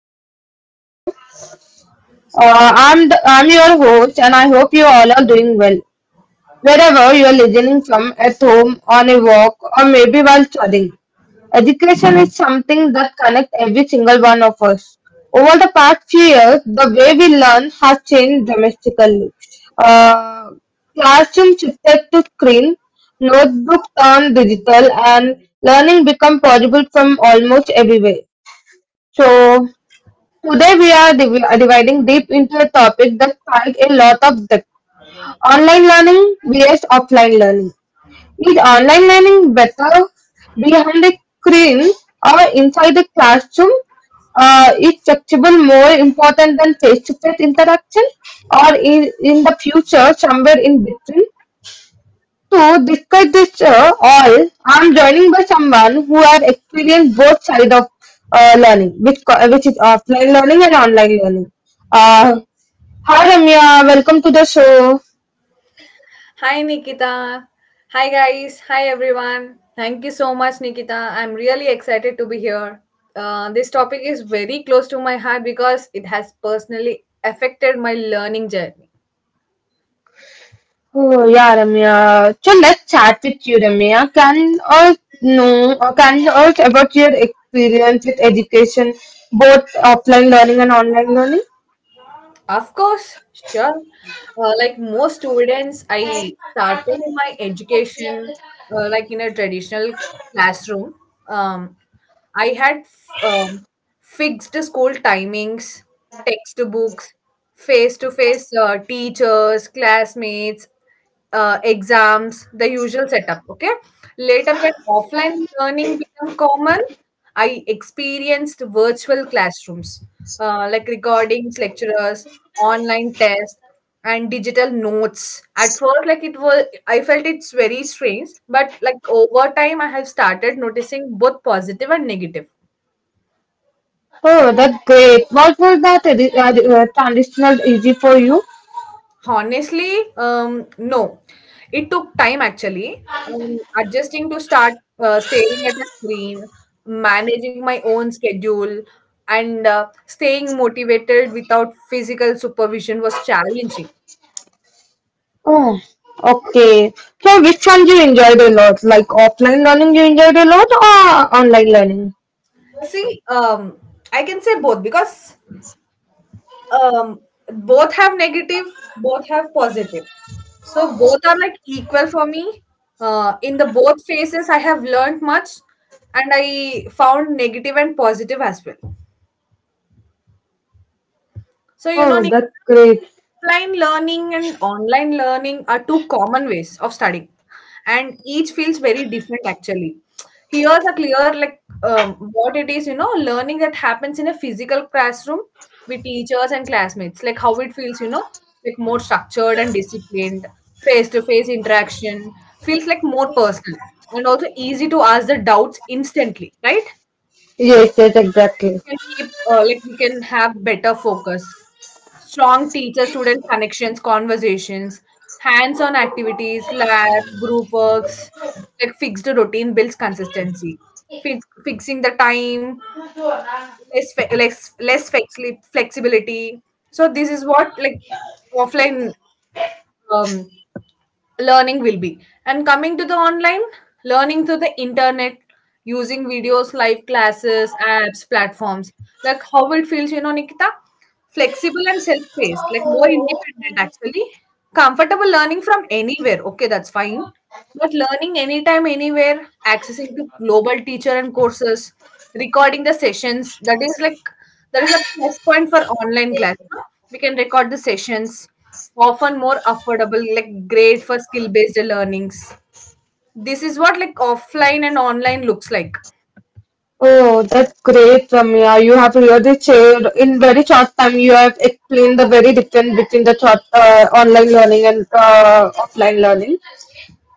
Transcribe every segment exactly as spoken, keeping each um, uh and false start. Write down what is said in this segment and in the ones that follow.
to today's show. Uh, I'm the, I'm your host and I hope you all are doing well. Wherever you are listening from, at home, on a walk, or maybe while studying, education is something that connects every single one of us. Over the past few years, the way we learn has changed dramatically. Uh, Classroom shifted to screen, notebooks turned digital, and learning become possible from almost everywhere. So today we are div- uh, dividing deep into a topic that strikes a lot of depth. Online learning vs offline learning. Is online learning better behind a screen or inside the classroom? Uh, is touchable more important than face-to-face interaction or in, in the future somewhere in between? To discuss this uh, all, I'm joining by someone who have experienced both sides of uh, learning, which, co- which is offline learning and online learning. Uh, Hi Ramya, welcome to the show. Hi Nikita. Hi guys. Hi everyone. Thank you so much, Nikita. I'm really excited to be here. Uh, this topic is very close to my heart because it has personally affected my learning journey. Oh, yeah, Ramya. So let's chat with you, Ramya. Can us know, or can you us about your experience with education, both offline learning and online learning? Of course, sure. Uh, like most students, I started my education uh, like in a traditional classroom. Um, I had um, fixed school timings, textbooks, face to face teachers, classmates uh, exams, the usual setup. Okay. Later, when offline learning became common, I experienced virtual classrooms uh, like recordings, lecturers, online tests, and digital notes. At first, like it was, I felt it's very strange, but like over time, I have started noticing both positive and negative. Oh, that's great. What was that uh, uh, transitional easy for you? Honestly, um, no. It took time actually. Um, adjusting to start uh, staring at a screen, managing my own schedule, and uh, staying motivated without physical supervision was challenging. Oh, okay. So which one you enjoyed a lot? Like offline learning you enjoyed a lot or online learning? See, um, I can say both because Um, both have negative, both have positive. So both are like equal for me. Uh, in the both phases, I have learned much, and I found negative and positive as well. So you know, Oh, Nikita, that's great. offline learning and online learning are two common ways of studying, and each feels very different actually. Here's a clear like um, what it is, you know, learning that happens in a physical classroom with teachers and classmates, like how it feels, you know, like more structured and disciplined, face-to-face interaction feels like more personal and also easy to ask the doubts instantly, right? Yes, yes, exactly. Can keep uh, like we can have better focus, strong teacher student connections, conversations, hands on activities, labs, group works, like fixed routine builds consistency. Fix, fixing the time, less fe- less less flexi- flexibility. So this is what like offline um, learning will be. And coming to the online learning through the internet, using videos, live classes, apps, platforms, like how it feels, you know, Nikita, flexible and self-paced, like more independent actually, comfortable learning from anywhere. Okay, that's fine. But learning anytime, anywhere, accessing to global teacher and courses, recording the sessions, that is like, that is a plus point for online class, no? We can record the sessions, often more affordable, like great for skill based learnings. This is what like offline and online looks like. Oh, that's great, Ramya. You have really shared in very short time. You have explained the very difference between the short, uh, online learning and uh, offline learning.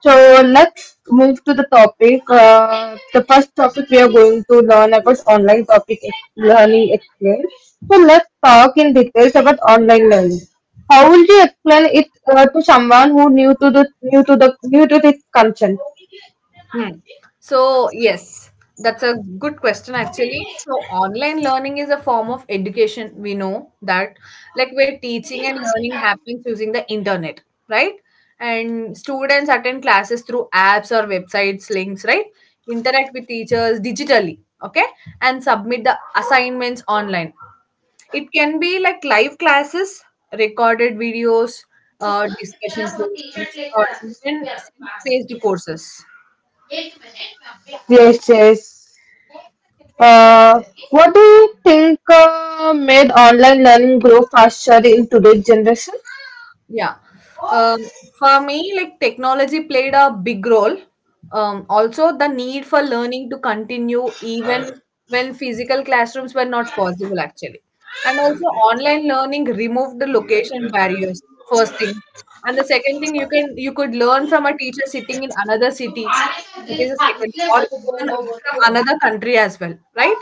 So let's move to the topic. Uh, the first topic we are going to learn about online topic ex- learning experience. So let's talk in details about online learning. How would you explain it uh, to someone who new to the new to the new to this concept? Hmm. So, yes, that's a good question actually. So, online learning is a form of education. We know that, like, where teaching and learning happens using the internet, right? And students attend classes through apps or websites, links, right? Interact with teachers digitally, okay? And submit the assignments online. It can be like live classes, recorded videos, uh, discussion forums, or even self paced courses. Yes, yes. Uh, what do you think uh, made online learning grow faster in today's generation? Yeah. Um, for me, like technology played a big role. Um, also, the need for learning to continue even when physical classrooms were not possible, actually. And also, online learning removed the location barriers, first thing. And the second thing, you can you could learn from a teacher sitting in another city. That is the second, or even from another country as well, right?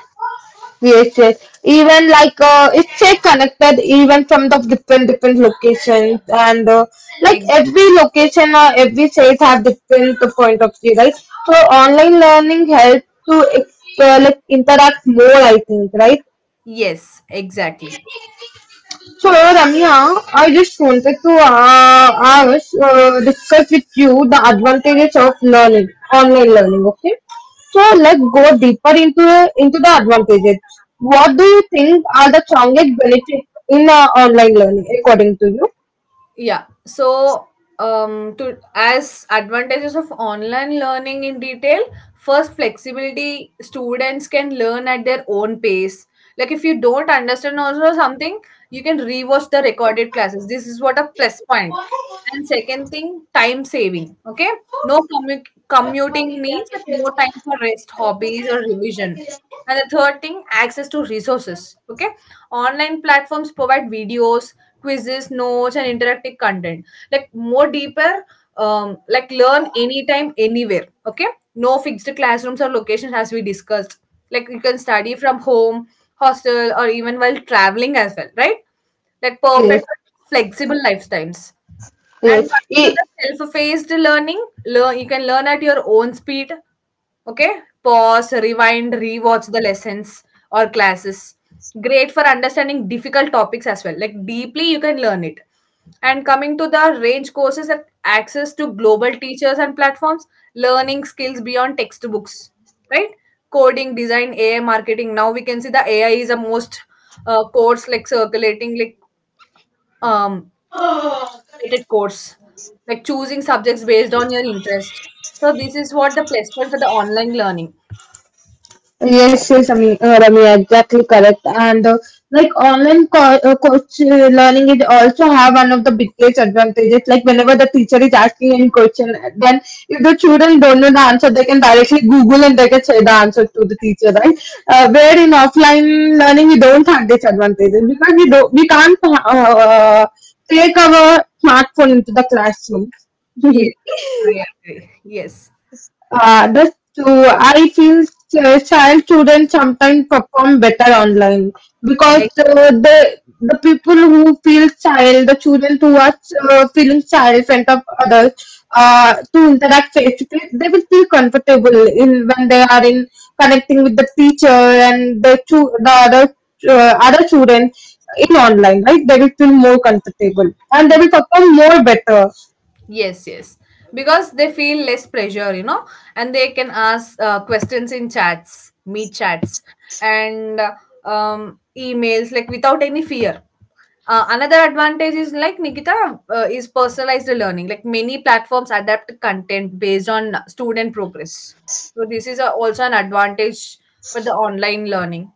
Yes, yes. Even like uh, it's uh, connected even from the different different locations and uh, like Exactly. every location or every state have different point of view, right? So online learning helps to ex- uh, like interact more, I think, right? Yes, exactly. So, Ramya, I just wanted to uh, ask, uh, discuss with you the advantages of learning, online learning. Okay, so let's go deeper into into the advantages. What do you think are the strongest benefits in uh, online learning, according to you? Yeah, so um to as advantages of online learning in detail, first, flexibility, students can learn at their own pace. Like if you don't understand also something, you can rewatch the recorded classes. This is what a plus point point. And second thing, time saving, okay, no commu- commuting, means that more time for rest, hobbies, or revision. And the third thing, access to resources, okay, online platforms provide videos, quizzes, notes, and interactive content. Like more deeper, um, like learn anytime, anywhere. Okay, no fixed classrooms or locations as we discussed. Like you can study from home, hostel, or even while traveling as well, right? Like Yes, perfect, flexible lifetimes. And yes. coming to the self-paced learning, learn you can learn at your own speed. Okay, pause, rewind, rewatch the lessons or classes. Great for understanding difficult topics as well. Like deeply, you can learn it. And coming to the range courses and access to global teachers and platforms, learning skills beyond textbooks, right? Coding, design, A I, marketing. Now we can see the A I is the most uh, course like circulating, like um, motivated course, like choosing subjects based on your interest. So this is what the plus point for the online learning. Yes, yes, Ami- uh, Ramya, exactly correct. And uh, like online co- uh, coach uh, learning, is also have one of the biggest advantages. Like whenever the teacher is asking any question, then if the children don't know the answer, they can directly Google and they can say the answer to the teacher, right? Uh, where in offline learning, we don't have this advantage because we don't, we can't uh, take our smartphone into the classroom. Yes, I agree. Yes, Uh, the, so I feel ch- child children sometimes perform better online exactly. because uh, the the people who feel child, the children who are uh, feeling child in front of others uh, to interact face to face, they will feel comfortable in when they are in connecting with the teacher and the chu- the other uh, other children in online, right? They will feel more comfortable and they will perform more better. Yes, yes. Because they feel less pressure, you know, and they can ask uh, questions in chats, meet chats, and uh, um, emails like without any fear. Uh, another advantage is like Nikita uh, is personalized learning. Like many platforms adapt content based on student progress. So this is a, also an advantage for the online learning.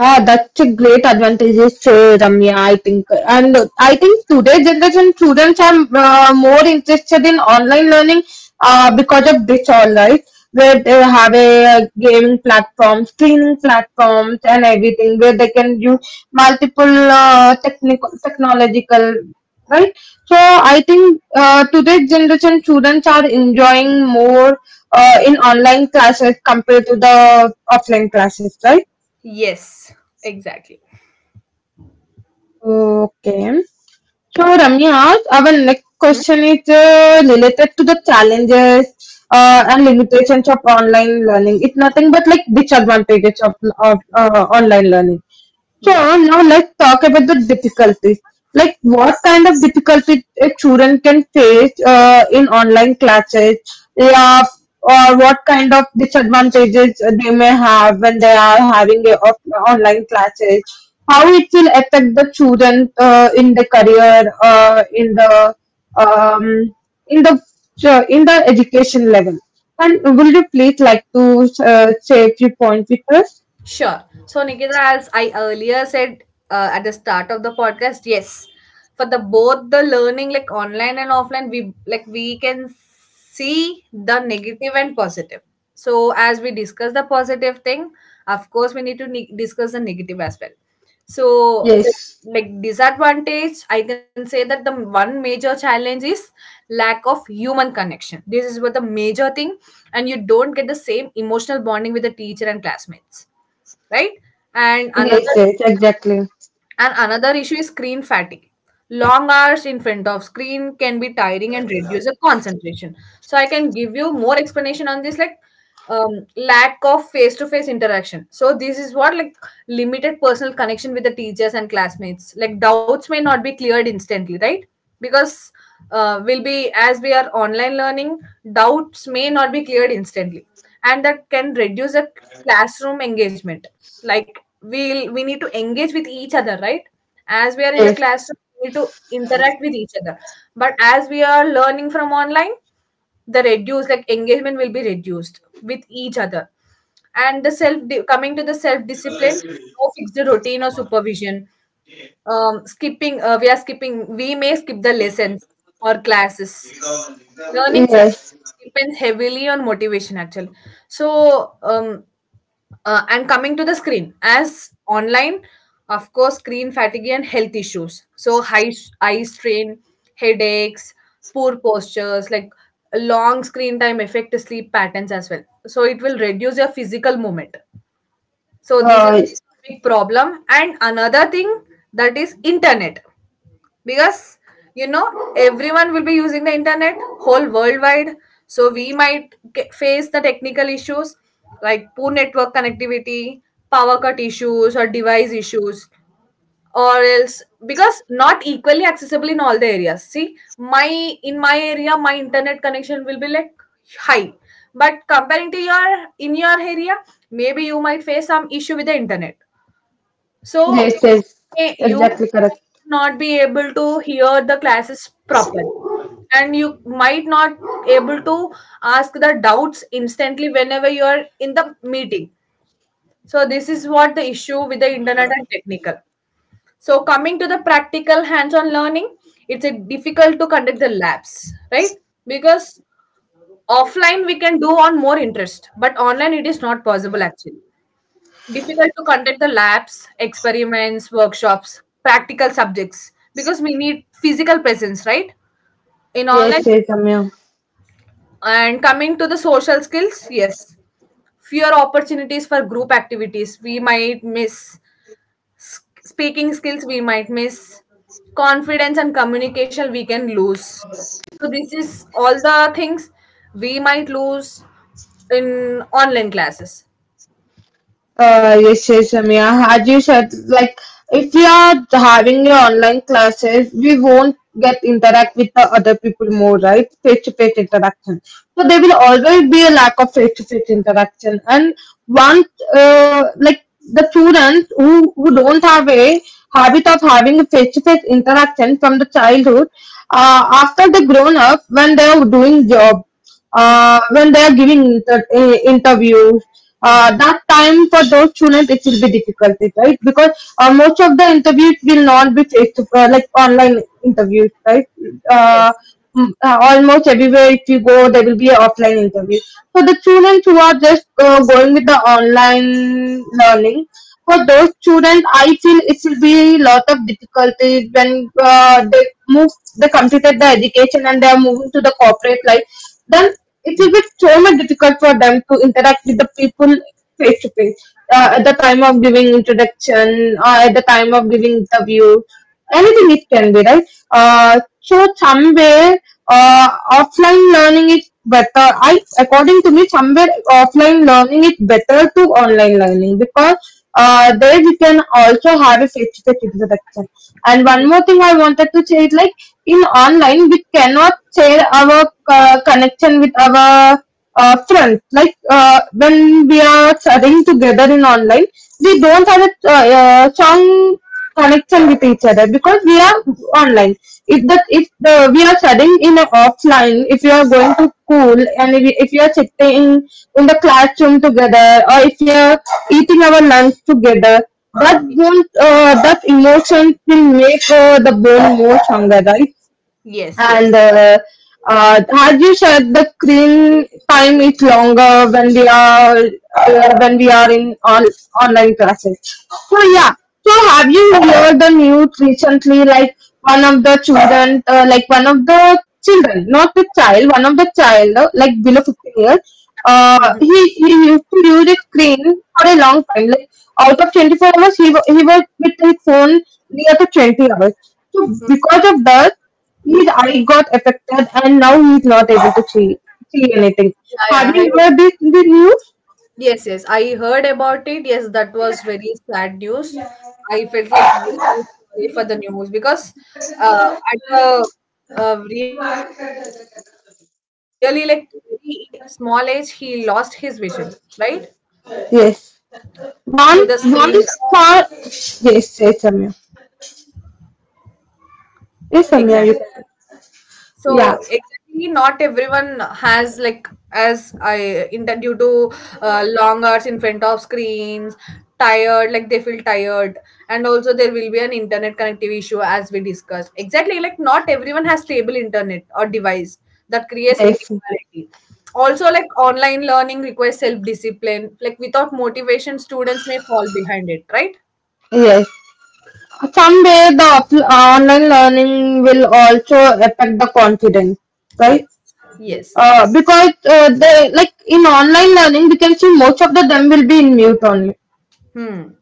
Ah, that's a great advantage, uh, Ramya. I think, and uh, I think today's generation students are uh, more interested in online learning uh, because of this, all right, where they have a gaming platform, streaming platforms, and everything, where they can use multiple uh, technical, technological, right. So I think uh, today's generation students are enjoying more uh, in online classes compared to the offline classes, right? Yes, exactly. Okay. So, Ramya, our next Hmm? question is uh, related to the challenges uh, and limitations of online learning. It's nothing but like disadvantages of, of uh, online learning. So Yeah. now let's talk about the difficulties. Like what Yes. kind of difficulties a student can face uh, in online classes, yeah, or what kind of disadvantages they may have when they are having a off- online classes. How it will affect the student uh, in the career, uh, in the um, in the uh, in the education level. And will you please like to uh, say a few points with us? Sure. So, Nikita, as I earlier said uh, at the start of the podcast, yes, for the both the learning, like online and offline, we like we can see the negative and positive. So, as we discuss the positive thing, of course, we need to ne- discuss the negative as well. So, the Yes. like disadvantage, I can say that the one major challenge is lack of human connection. This is what the major thing, and you don't get the same emotional bonding with the teacher and classmates, right? And Yes, another, yes, exactly. and another issue is screen fatigue. Long hours in front of screen can be tiring and reduce the concentration. So I can give you more explanation on this. Like, um, lack of face-to-face interaction, so this is what like limited personal connection with the teachers and classmates, like doubts may not be cleared instantly, right? Because uh, will be, as we are online learning, doubts may not be cleared instantly, and that can reduce the classroom engagement. Like we'll we need to engage with each other, right? As we are in the Yes, classroom, we need to interact with each other, but as we are learning from online, the reduced like engagement will be reduced with each other. And the self, coming to the self discipline, no fixed routine or supervision. um skipping, uh, we are skipping, we may skip the lessons or classes. Learning yes. success depends heavily on motivation actually. So um uh, and coming to the screen, as online, of course, screen fatigue and health issues. So high s- eye strain, headaches, poor postures, like long screen time affect sleep patterns as well. So it will reduce your physical movement. So this is Uh, a big problem. And another thing, that is internet, because you know everyone will be using the internet whole worldwide, so we might ca- face the technical issues, like poor network connectivity, power cut issues, or device issues, or else because not equally accessible in all the areas. See, my, in my area, my internet connection will be like high, but comparing to your, in your area, maybe you might face some issue with the internet. So, yes, yes. may, you Exactly correct. might not be able to hear the classes properly, and you might not able to ask the doubts instantly whenever you are in the meeting. So this is what the issue with the internet and technical. So coming to the practical hands-on learning, it's a difficult to conduct the labs, right? Because offline we can do on more interest, but online it is not possible actually. Difficult to conduct the labs, experiments, workshops, practical subjects, because we need physical presence, right? In online. Yes, yes, Amir. And coming to the social skills, yes, fewer opportunities for group activities we might miss, S- speaking skills we might miss, confidence and communication we can lose. So this is all the things we might lose in online classes. Uh, yes, yes, Samia. As you said, like if we are having your online classes, we won't get interact with the other people more, right? Face to face interaction. So there will always be a lack of face to face interaction. And one, uh, like the students who who don't have a habit of having a face to face interaction from the childhood, uh, after they grown up, when they are doing job, Mhm. uh, when they are giving inter- uh, interviews. Mhm. Uh, that time for those students it will be difficult, right? Because uh, most of the interviews will not be face to uh, like online interviews, right? uh, Yes. Mm, uh, almost everywhere if you go there will be an offline interview. So the students who are just uh, going with the online learning, for those students I feel it will be lot of difficulties when uh, they move, they completed the education and they are moving to the corporate life. Then it will be so much difficult for them to interact with the people face to face. Uh, at the time of giving introduction or at the time of giving interview, anything it can be, right? uh, so somewhere uh, offline learning is better, I according to me somewhere offline learning is better to online learning, because uh, there we can also have a face-to-face interaction. And one more thing I wanted to say is like, in online we cannot share our uh, connection with our uh, friends. Like uh, when we are chatting together in online, we don't have a uh, uh, strong connection with each other because we are online. If that if the, we are studying in a offline, if you are going to school and if, if you are sitting in the classroom together, or if you are eating our lunch together, that bond, uh, that emotion will make uh, the bond more stronger, right? Yes. and Yes. uh, uh, as you said, the screen time is longer when we are uh, when we are in on online classes. So Yes. yeah. So have you heard the news recently? Like one of the children, uh, like one of the children, not the child, one of the child, uh, like below fifteen years. Mhm. Uh, he he used to use a screen for a long time. Like out of twenty four hours, he wa- he was with his phone near to twenty hours. So because of that He's, I got affected and now he's not able to see, see anything. Yeah, yeah. Have I, you heard this in the news? yes, yes. I heard about it. Yes, that was very sad news. I felt like very sorry for the news because uh, at the uh, really like very small age he lost his vision, right? Yes. Due to the One, screen. one star. Yes, yes, Samya. Yes, Samya, Exactly. you can. So Yeah. exactly, not everyone has, like as I intend, that due to uh, long hours in front of screens, tired, like they feel tired, and also there will be an internet connectivity issue as we discussed. Exactly, like not everyone has stable internet or device, that creates Yes. inequality. Also, like online learning requires self discipline. Like without motivation, students may fall behind it, right? Yes. Someday the off- online learning will also affect the confidence, Yes. right? Yes. Uh, because uh, they like in online learning, we can see most of the them will be in mute only. Hmm.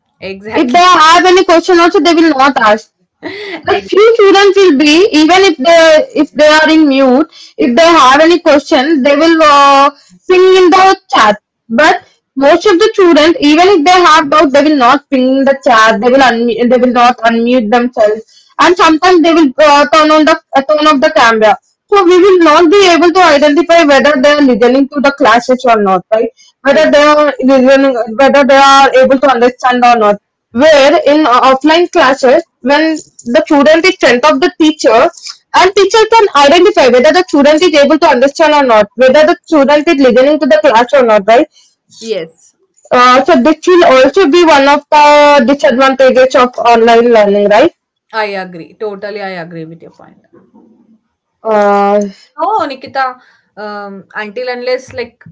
If they Exactly. have any question also, they will not ask. But Ex- few students will be, even if they, if they are in mute, if they have any question they will uh, ping in the chat. But most of the students even if they have doubt they will not ping in the chat, they will unmute they will not unmute themselves. And sometimes they will uh, turn on the uh, turn off the camera. So we will not be able to identify whether they are listening to the classes or not, right? Whether ex- they are listening, whether they are able to understand or not. Where in offline classes, when the student is sent off the teacher, and teacher can identify whether the student is able to understand or not, whether the student is listening to the class or not, right? yes. Uh, so this will also be one of the disadvantages of online learning, right? I agree. Totally, I agree with your point. Uh, No, Nikita, um, until unless like,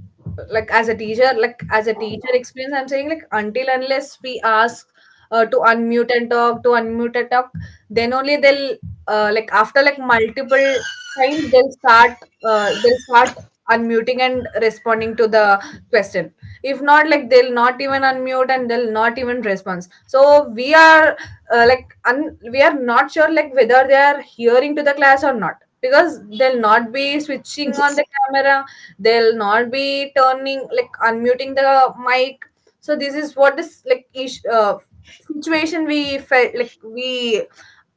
like as a teacher, like as a teacher experience, I'm saying like until unless we ask uh, to unmute and talk, to unmute and talk, then only they'll uh, like after like multiple times they'll start uh, they'll start unmuting and responding to the question. If not, like they'll not even unmute and they'll not even respond. So we are uh, like un- we are not sure like whether they are hearing to the class or not because they'll not be switching on the camera, they'll not be turning like unmuting the mic. So this is what is like ish, uh, situation we felt like we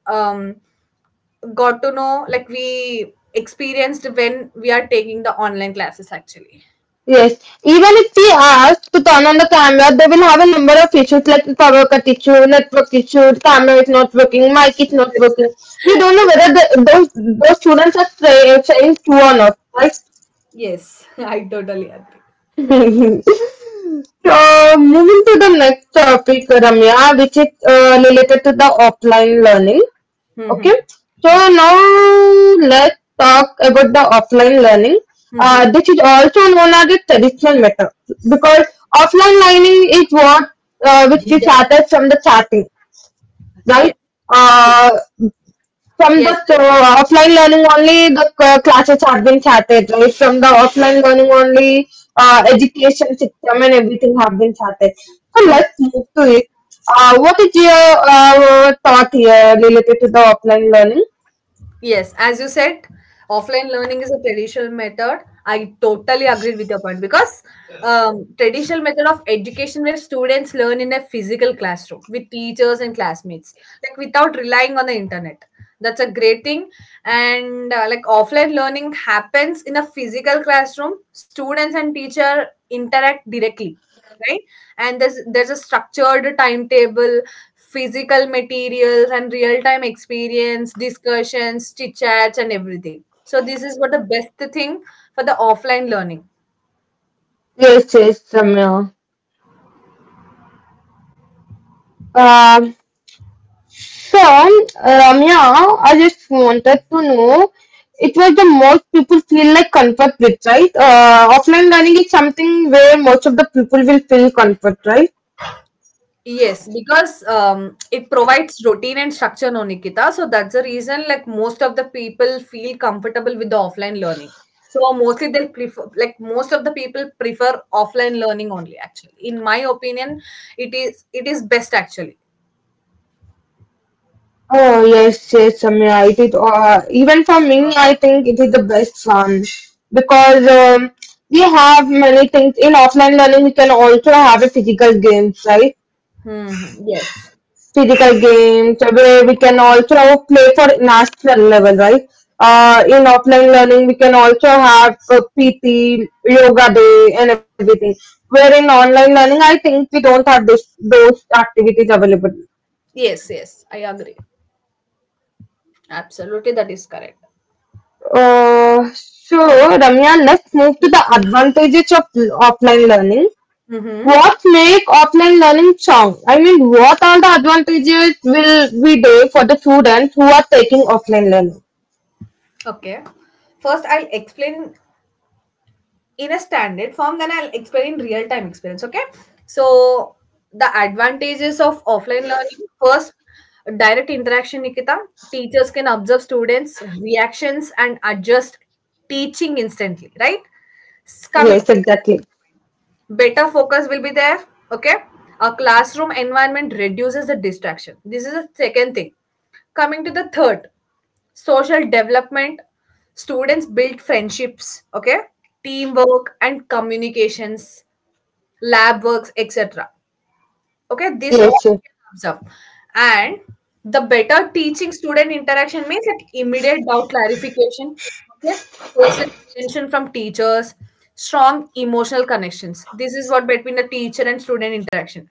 um got to know, like we experienced when we are taking the online classes actually. yes. Even if we ask to turn on the camera, they will have a number of issues like power cut issue, network issue, camera is not working, mic is not Yes, working. We don't know whether the, those those students are tra- uh, trained to or not, right? yes, I totally agree. So moving to the next topic, Ramya, which is uh, related to the offline learning. Mhm. Okay, so Okay. now let's talk about the offline learning. uh, Mhm. This is also known as the traditional method, because offline learning is what uh, which is started from the starting, right? Yes, uh, from the yes. uh, offline learning only the c- classes have been started, right? From the offline learning only uh, education system and everything have been started. So let's move to it. Uh, what is your uh, thought here related to the offline learning? Yes, as you said, offline learning is a traditional method. I totally agree with your point because um, traditional method of education where students learn in a physical classroom with teachers and classmates, like without relying on the internet. That's a great thing. And uh, like offline learning happens in a physical classroom, students and teacher interact directly, right? And there's there's a structured timetable, physical materials and real time experience, discussions, chit chats, and everything. So this is what the best thing for the offline learning. Yes, yes, Ramya. Um, so, Ramya, I just wanted to know, it was the most people feel like comfort with, right? Uh, offline learning is something where most of the people will feel comfort, right? Yes, because um, it provides routine and structure, no, Nikita. So that's the reason like most of the people feel comfortable with the offline learning. So mostly they'll prefer, like most of the people prefer offline learning only, actually. In my opinion, it is it is best actually. Oh, yes, yes, Ramya, it is, uh, even for me, I think it is the best one because um, we have many things in offline learning, we can also have a physical games, right? Hmm. Yes. Physical games where we can also have play for national level, right? Uh, in offline learning, we can also have uh, P T, yoga day, and everything. Where in online learning, I think we don't have this those activities available. Yes, yes, I agree. Absolutely, that is correct. Uh, so Ramya, let's move to the advantages of l- offline learning. Mm-hmm. What make offline learning strong? I mean, what are the advantages will be there for the students who are taking offline learning? Okay. First, I'll explain in a standard form, then I'll explain in real time experience. Okay. So the advantages of offline learning, first, direct interaction, Nikita. Teachers can observe students' reactions and adjust teaching instantly, right? S- Come in, Yes, exactly. better focus will be there. Okay. A classroom environment reduces the distraction. This is the second thing. Coming to the third, social development, students build friendships. Okay, teamwork and communications, lab works, etc. Okay, this all Yes, yes, comes up. And the better teaching student interaction means like immediate doubt clarification, okay, person attention from teachers, strong emotional connections, this is what between the teacher and student interaction.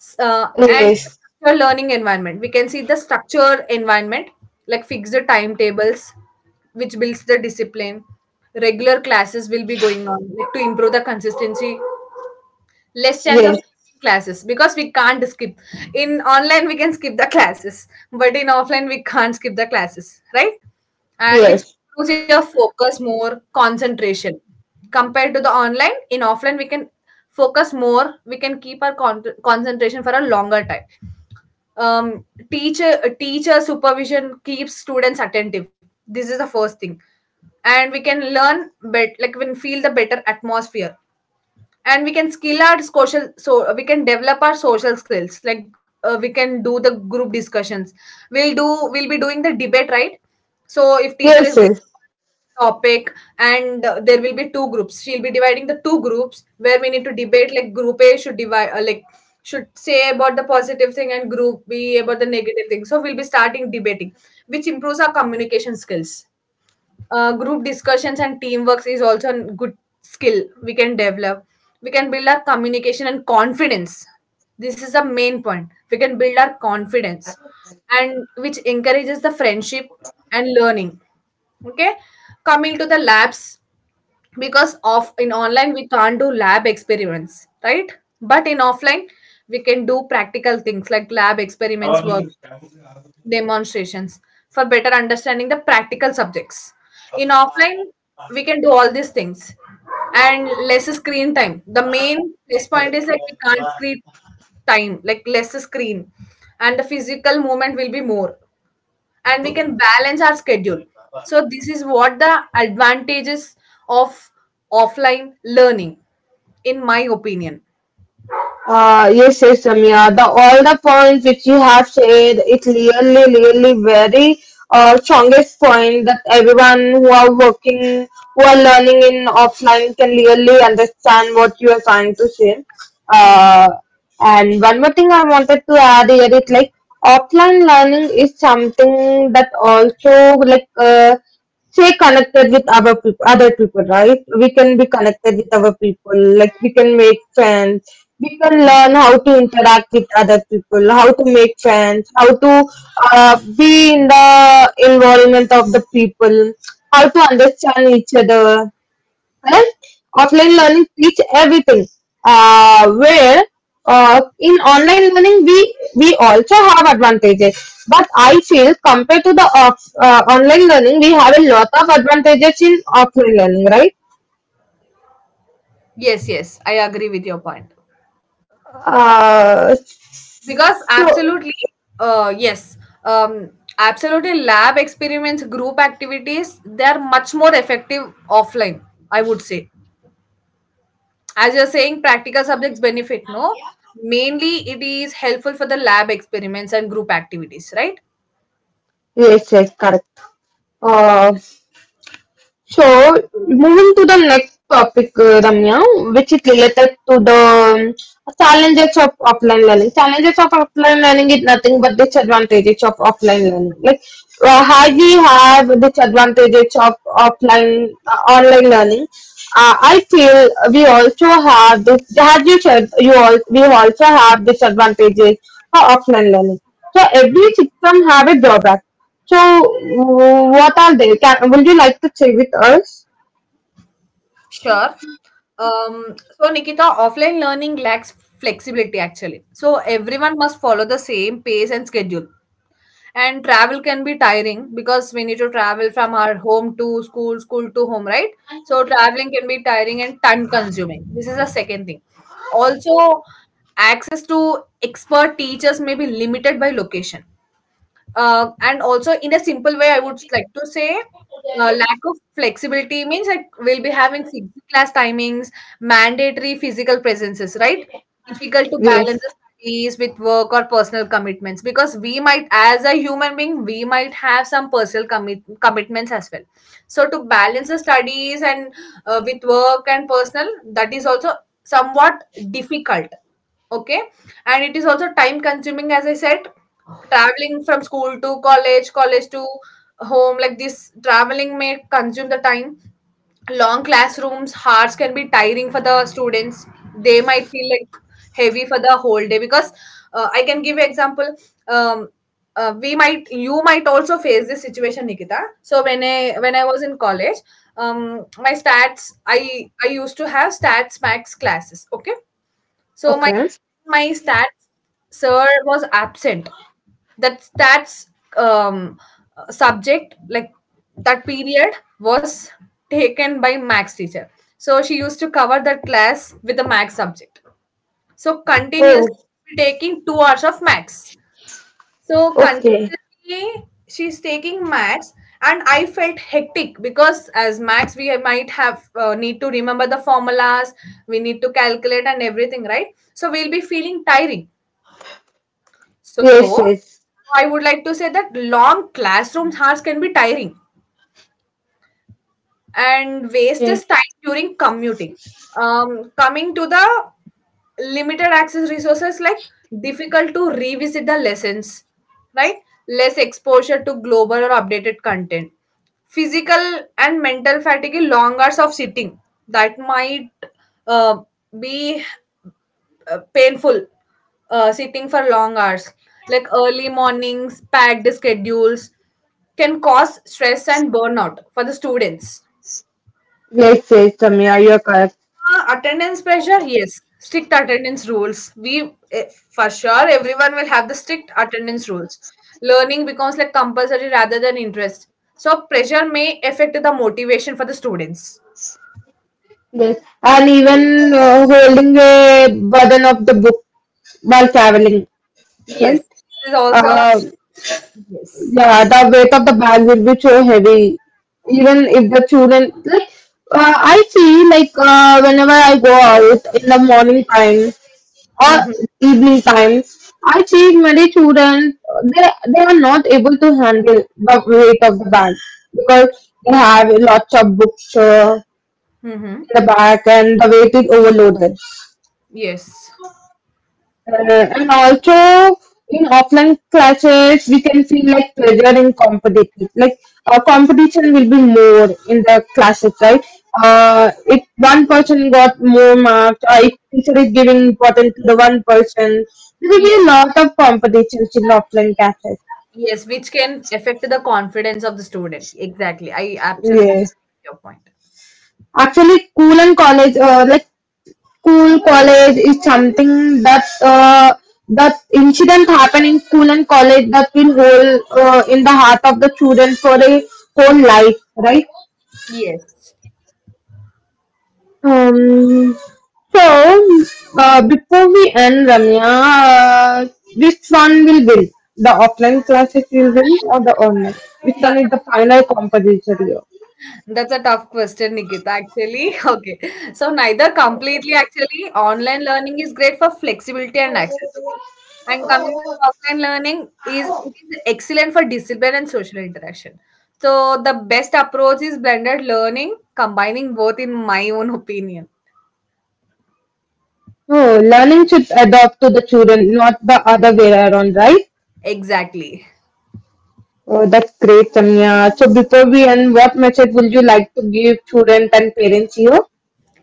S- uh, and yes, Structured learning environment, we can see the structure environment like fixed timetables, which builds the discipline. Regular classes will be going on like to improve the consistency. Less chance of yes, skipping classes because we can't skip. In online we can skip the classes but in offline we can't skip the classes, right? yes, And which yes, improves your focus, more concentration compared to the online. In offline we can focus more, we can keep our con- concentration for a longer time. um, teacher teacher supervision keeps students attentive. This is the first thing. And we can learn bet like we can feel the better atmosphere, and we can skill our social, so uh, we can develop our social skills. Like uh, we can do the group discussions, we'll do, we'll be doing the debate, right? So if teacher is yes, yes. giving a topic, and uh, there will be two groups, she'll be dividing the two groups where we need to debate, like group A should divide uh, like should say about the positive thing and group B about the negative thing, so we'll be starting debating, which improves our communication skills. Uh, group discussions and teamworks is also a good skill we can develop. We can build our communication and confidence. This is the main point, we can build our confidence, and which encourages the friendship and learning. Okay, coming to the labs, because of in online we can't do lab experiments, right? But in offline, we can do practical things like lab experiments work, demonstrations for better understanding the practical subjects. In offline, we can do all these things, and less screen time. The main plus point is like we can't screen time, like less screen, and the physical movement will be more, and we can balance our schedule. So this is what the advantages of offline learning, in my opinion. Uh, yes, yes, Ramya. The all the points which you have said, it's really, really very uh, strongest point that everyone who are working, who are learning in offline can really understand what you are trying to say. Hmm. Uh, and one more thing I wanted to add here is like offline learning is something that also like uh, stay connected with our people, other people, right? We can be connected with our people, like we can make friends, we can learn how to interact with other people, how to make friends, how to uh, be in the environment of the people, how to understand each other. Correct? Offline learning teach everything. Uh, where uh, in online learning we we also have advantages, but I feel compared to the off, uh, online learning we have a lot of advantages in offline learning, right? Yes, yes, I agree with your point. Uh, Because so absolutely, uh, yes. um, absolutely lab experiments, group activities, they are much more effective offline, I would say. As you're saying, practical subjects benefit, no, mainly it is helpful for the lab experiments and group activities, right? yes, yes, correct. Uh, so moving to the next topic, uh, Ramya, which is related to the um, challenges of offline learning. Challenges of offline learning is nothing but disadvantages of offline learning. Like uh, Yeah. how we have disadvantages of offline uh, online learning. Uh, I feel we also have this. As you said, you all we also have disadvantages for offline learning. So every system have a drawback so, w- what are they? Can, would you like to share with us? Sure. um, so Nikita, offline learning lacks flexibility actually, so everyone must follow the same pace and schedule. And travel can be tiring because we need to travel from our home to school, school to home, right? So traveling can be tiring and time consuming, this is the second thing. Also, access to expert teachers may be limited by location. uh, and also in a simple way, I would like to say, uh, lack of flexibility means like we'll be having fixed class timings, mandatory physical presences, right? Difficult to balance Yes. the studies with work or personal commitments, because we might, as a human being, we might have some personal commit- commitments as well. So to balance the studies and uh, with work and personal, that is also somewhat difficult. Okay, and it is also time consuming, as I said, traveling from school to college, college to home, like this traveling may consume the time. Long classrooms, hours can be tiring for the students. They might feel like heavy for the whole day because uh, I can give you example. Um, uh, we might, you might also face this situation, Nikita. So when I when I was in college, um, my stats, I I used to have stats max classes. Okay, so my Okay. my stats sir was absent. That stats um, subject, like that period was taken by max teacher. So she used to cover that class with the max subject. So continuously Oh, taking two hours of max. So okay. continuously she's taking max, and I felt hectic because as max we have- might have uh, need to remember the formulas, we need to calculate and everything, right? So we'll be feeling tiring. So Yes, yes. I would like to say that long classroom hours can be tiring, and waste is time during commuting. Um, coming to the limited access resources, like difficult to revisit the lessons, right? Less exposure to global or updated content. Physical and mental fatigue, long hours of sitting that might uh, be uh, painful, uh, sitting for long hours, like early mornings, packed schedules, can cause stress and burnout for the students. Yes, yes, Samia, you're correct. Uh, attendance pressure, yes. Strict attendance rules. We, eh, for sure, everyone will have the strict attendance rules. Learning becomes like compulsory rather than interest. So pressure may affect the motivation for the students. Yes. And even uh, holding the burden of the book while traveling, Yes, right? this is also Uh, yes. yeah, the weight of the bag will be so heavy. Even if the children, like, uh, I see, like, uh, whenever I go out in the morning time or Mm-hmm. evening time, I see many children, uh, they, they are not able to handle the weight of the bag because they have lots of books uh, Mm-hmm. in the bag and the weight is overloaded. Yes. Uh, and also in offline classes, we can feel like pressure in competition. Like uh, competition will be more in the classes, right? Uh, if one person got more marks, or if teacher is giving importance to the one person, there will be Yes. a lot of competitions in offline classes. Yes, which can affect the confidence of the student. Exactly. I absolutely Yes, agree with your point. actually, school and college, uh, like school college is something that uh, that incident happen in school and college that will hold uh, in the heart of the children for a whole life, right? Yes. um so uh, Before we end, Ramya, uh, which one will win, the offline classes will win or the online, which one That's is a the tough final competition here? That's a tough question, Nikita, actually. Okay. So neither completely, actually online learning is great for flexibility and access, okay? And coming to the offline learning, is it is excellent for discipline and social interaction. So the best approach is blended learning, combining both, in my own opinion. Oh, learning should adapt to the children, not the other way around, right? Exactly. Oh, that's great, Samya. So before we end, what message would you like to give students and parents here?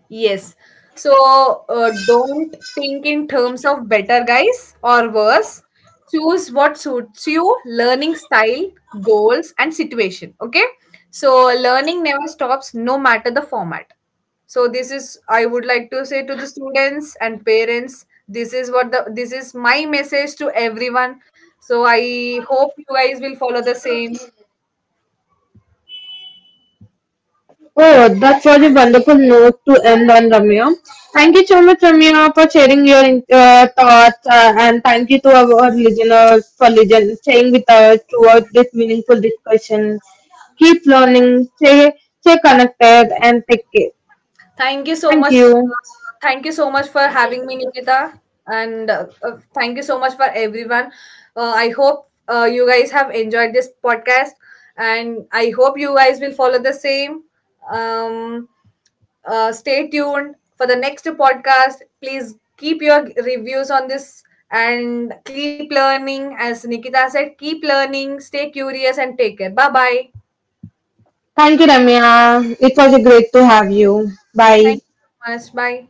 Yes. So uh, don't think in terms of better guys or worse. Choose what suits you, learning style, goals, and situation. Okay. So learning never stops, no matter the format. So this is I would like to say to the students and parents. This is what the, this is my message to everyone. So I hope you guys will follow the same. Oh, that was a wonderful note to end on, Ramya. Thank you so much, Ramya, for sharing your uh, thoughts, uh, and thank you to our listeners for listen, staying with us throughout this meaningful discussion. Keep learning, stay, stay connected, and take care. Thank you so Thank much. you. Thank you so much for having me, Nikita. And uh, uh, thank you so much for everyone. Uh, I hope uh, you guys have enjoyed this podcast. And I hope you guys will follow the same. Um, uh, stay tuned for the next podcast. Please keep your reviews on this and keep learning. As Nikita said, keep learning, stay curious, and take care. Bye bye. Thank you, Ramya. It was a great to have you. Thank Bye. you so much. Bye.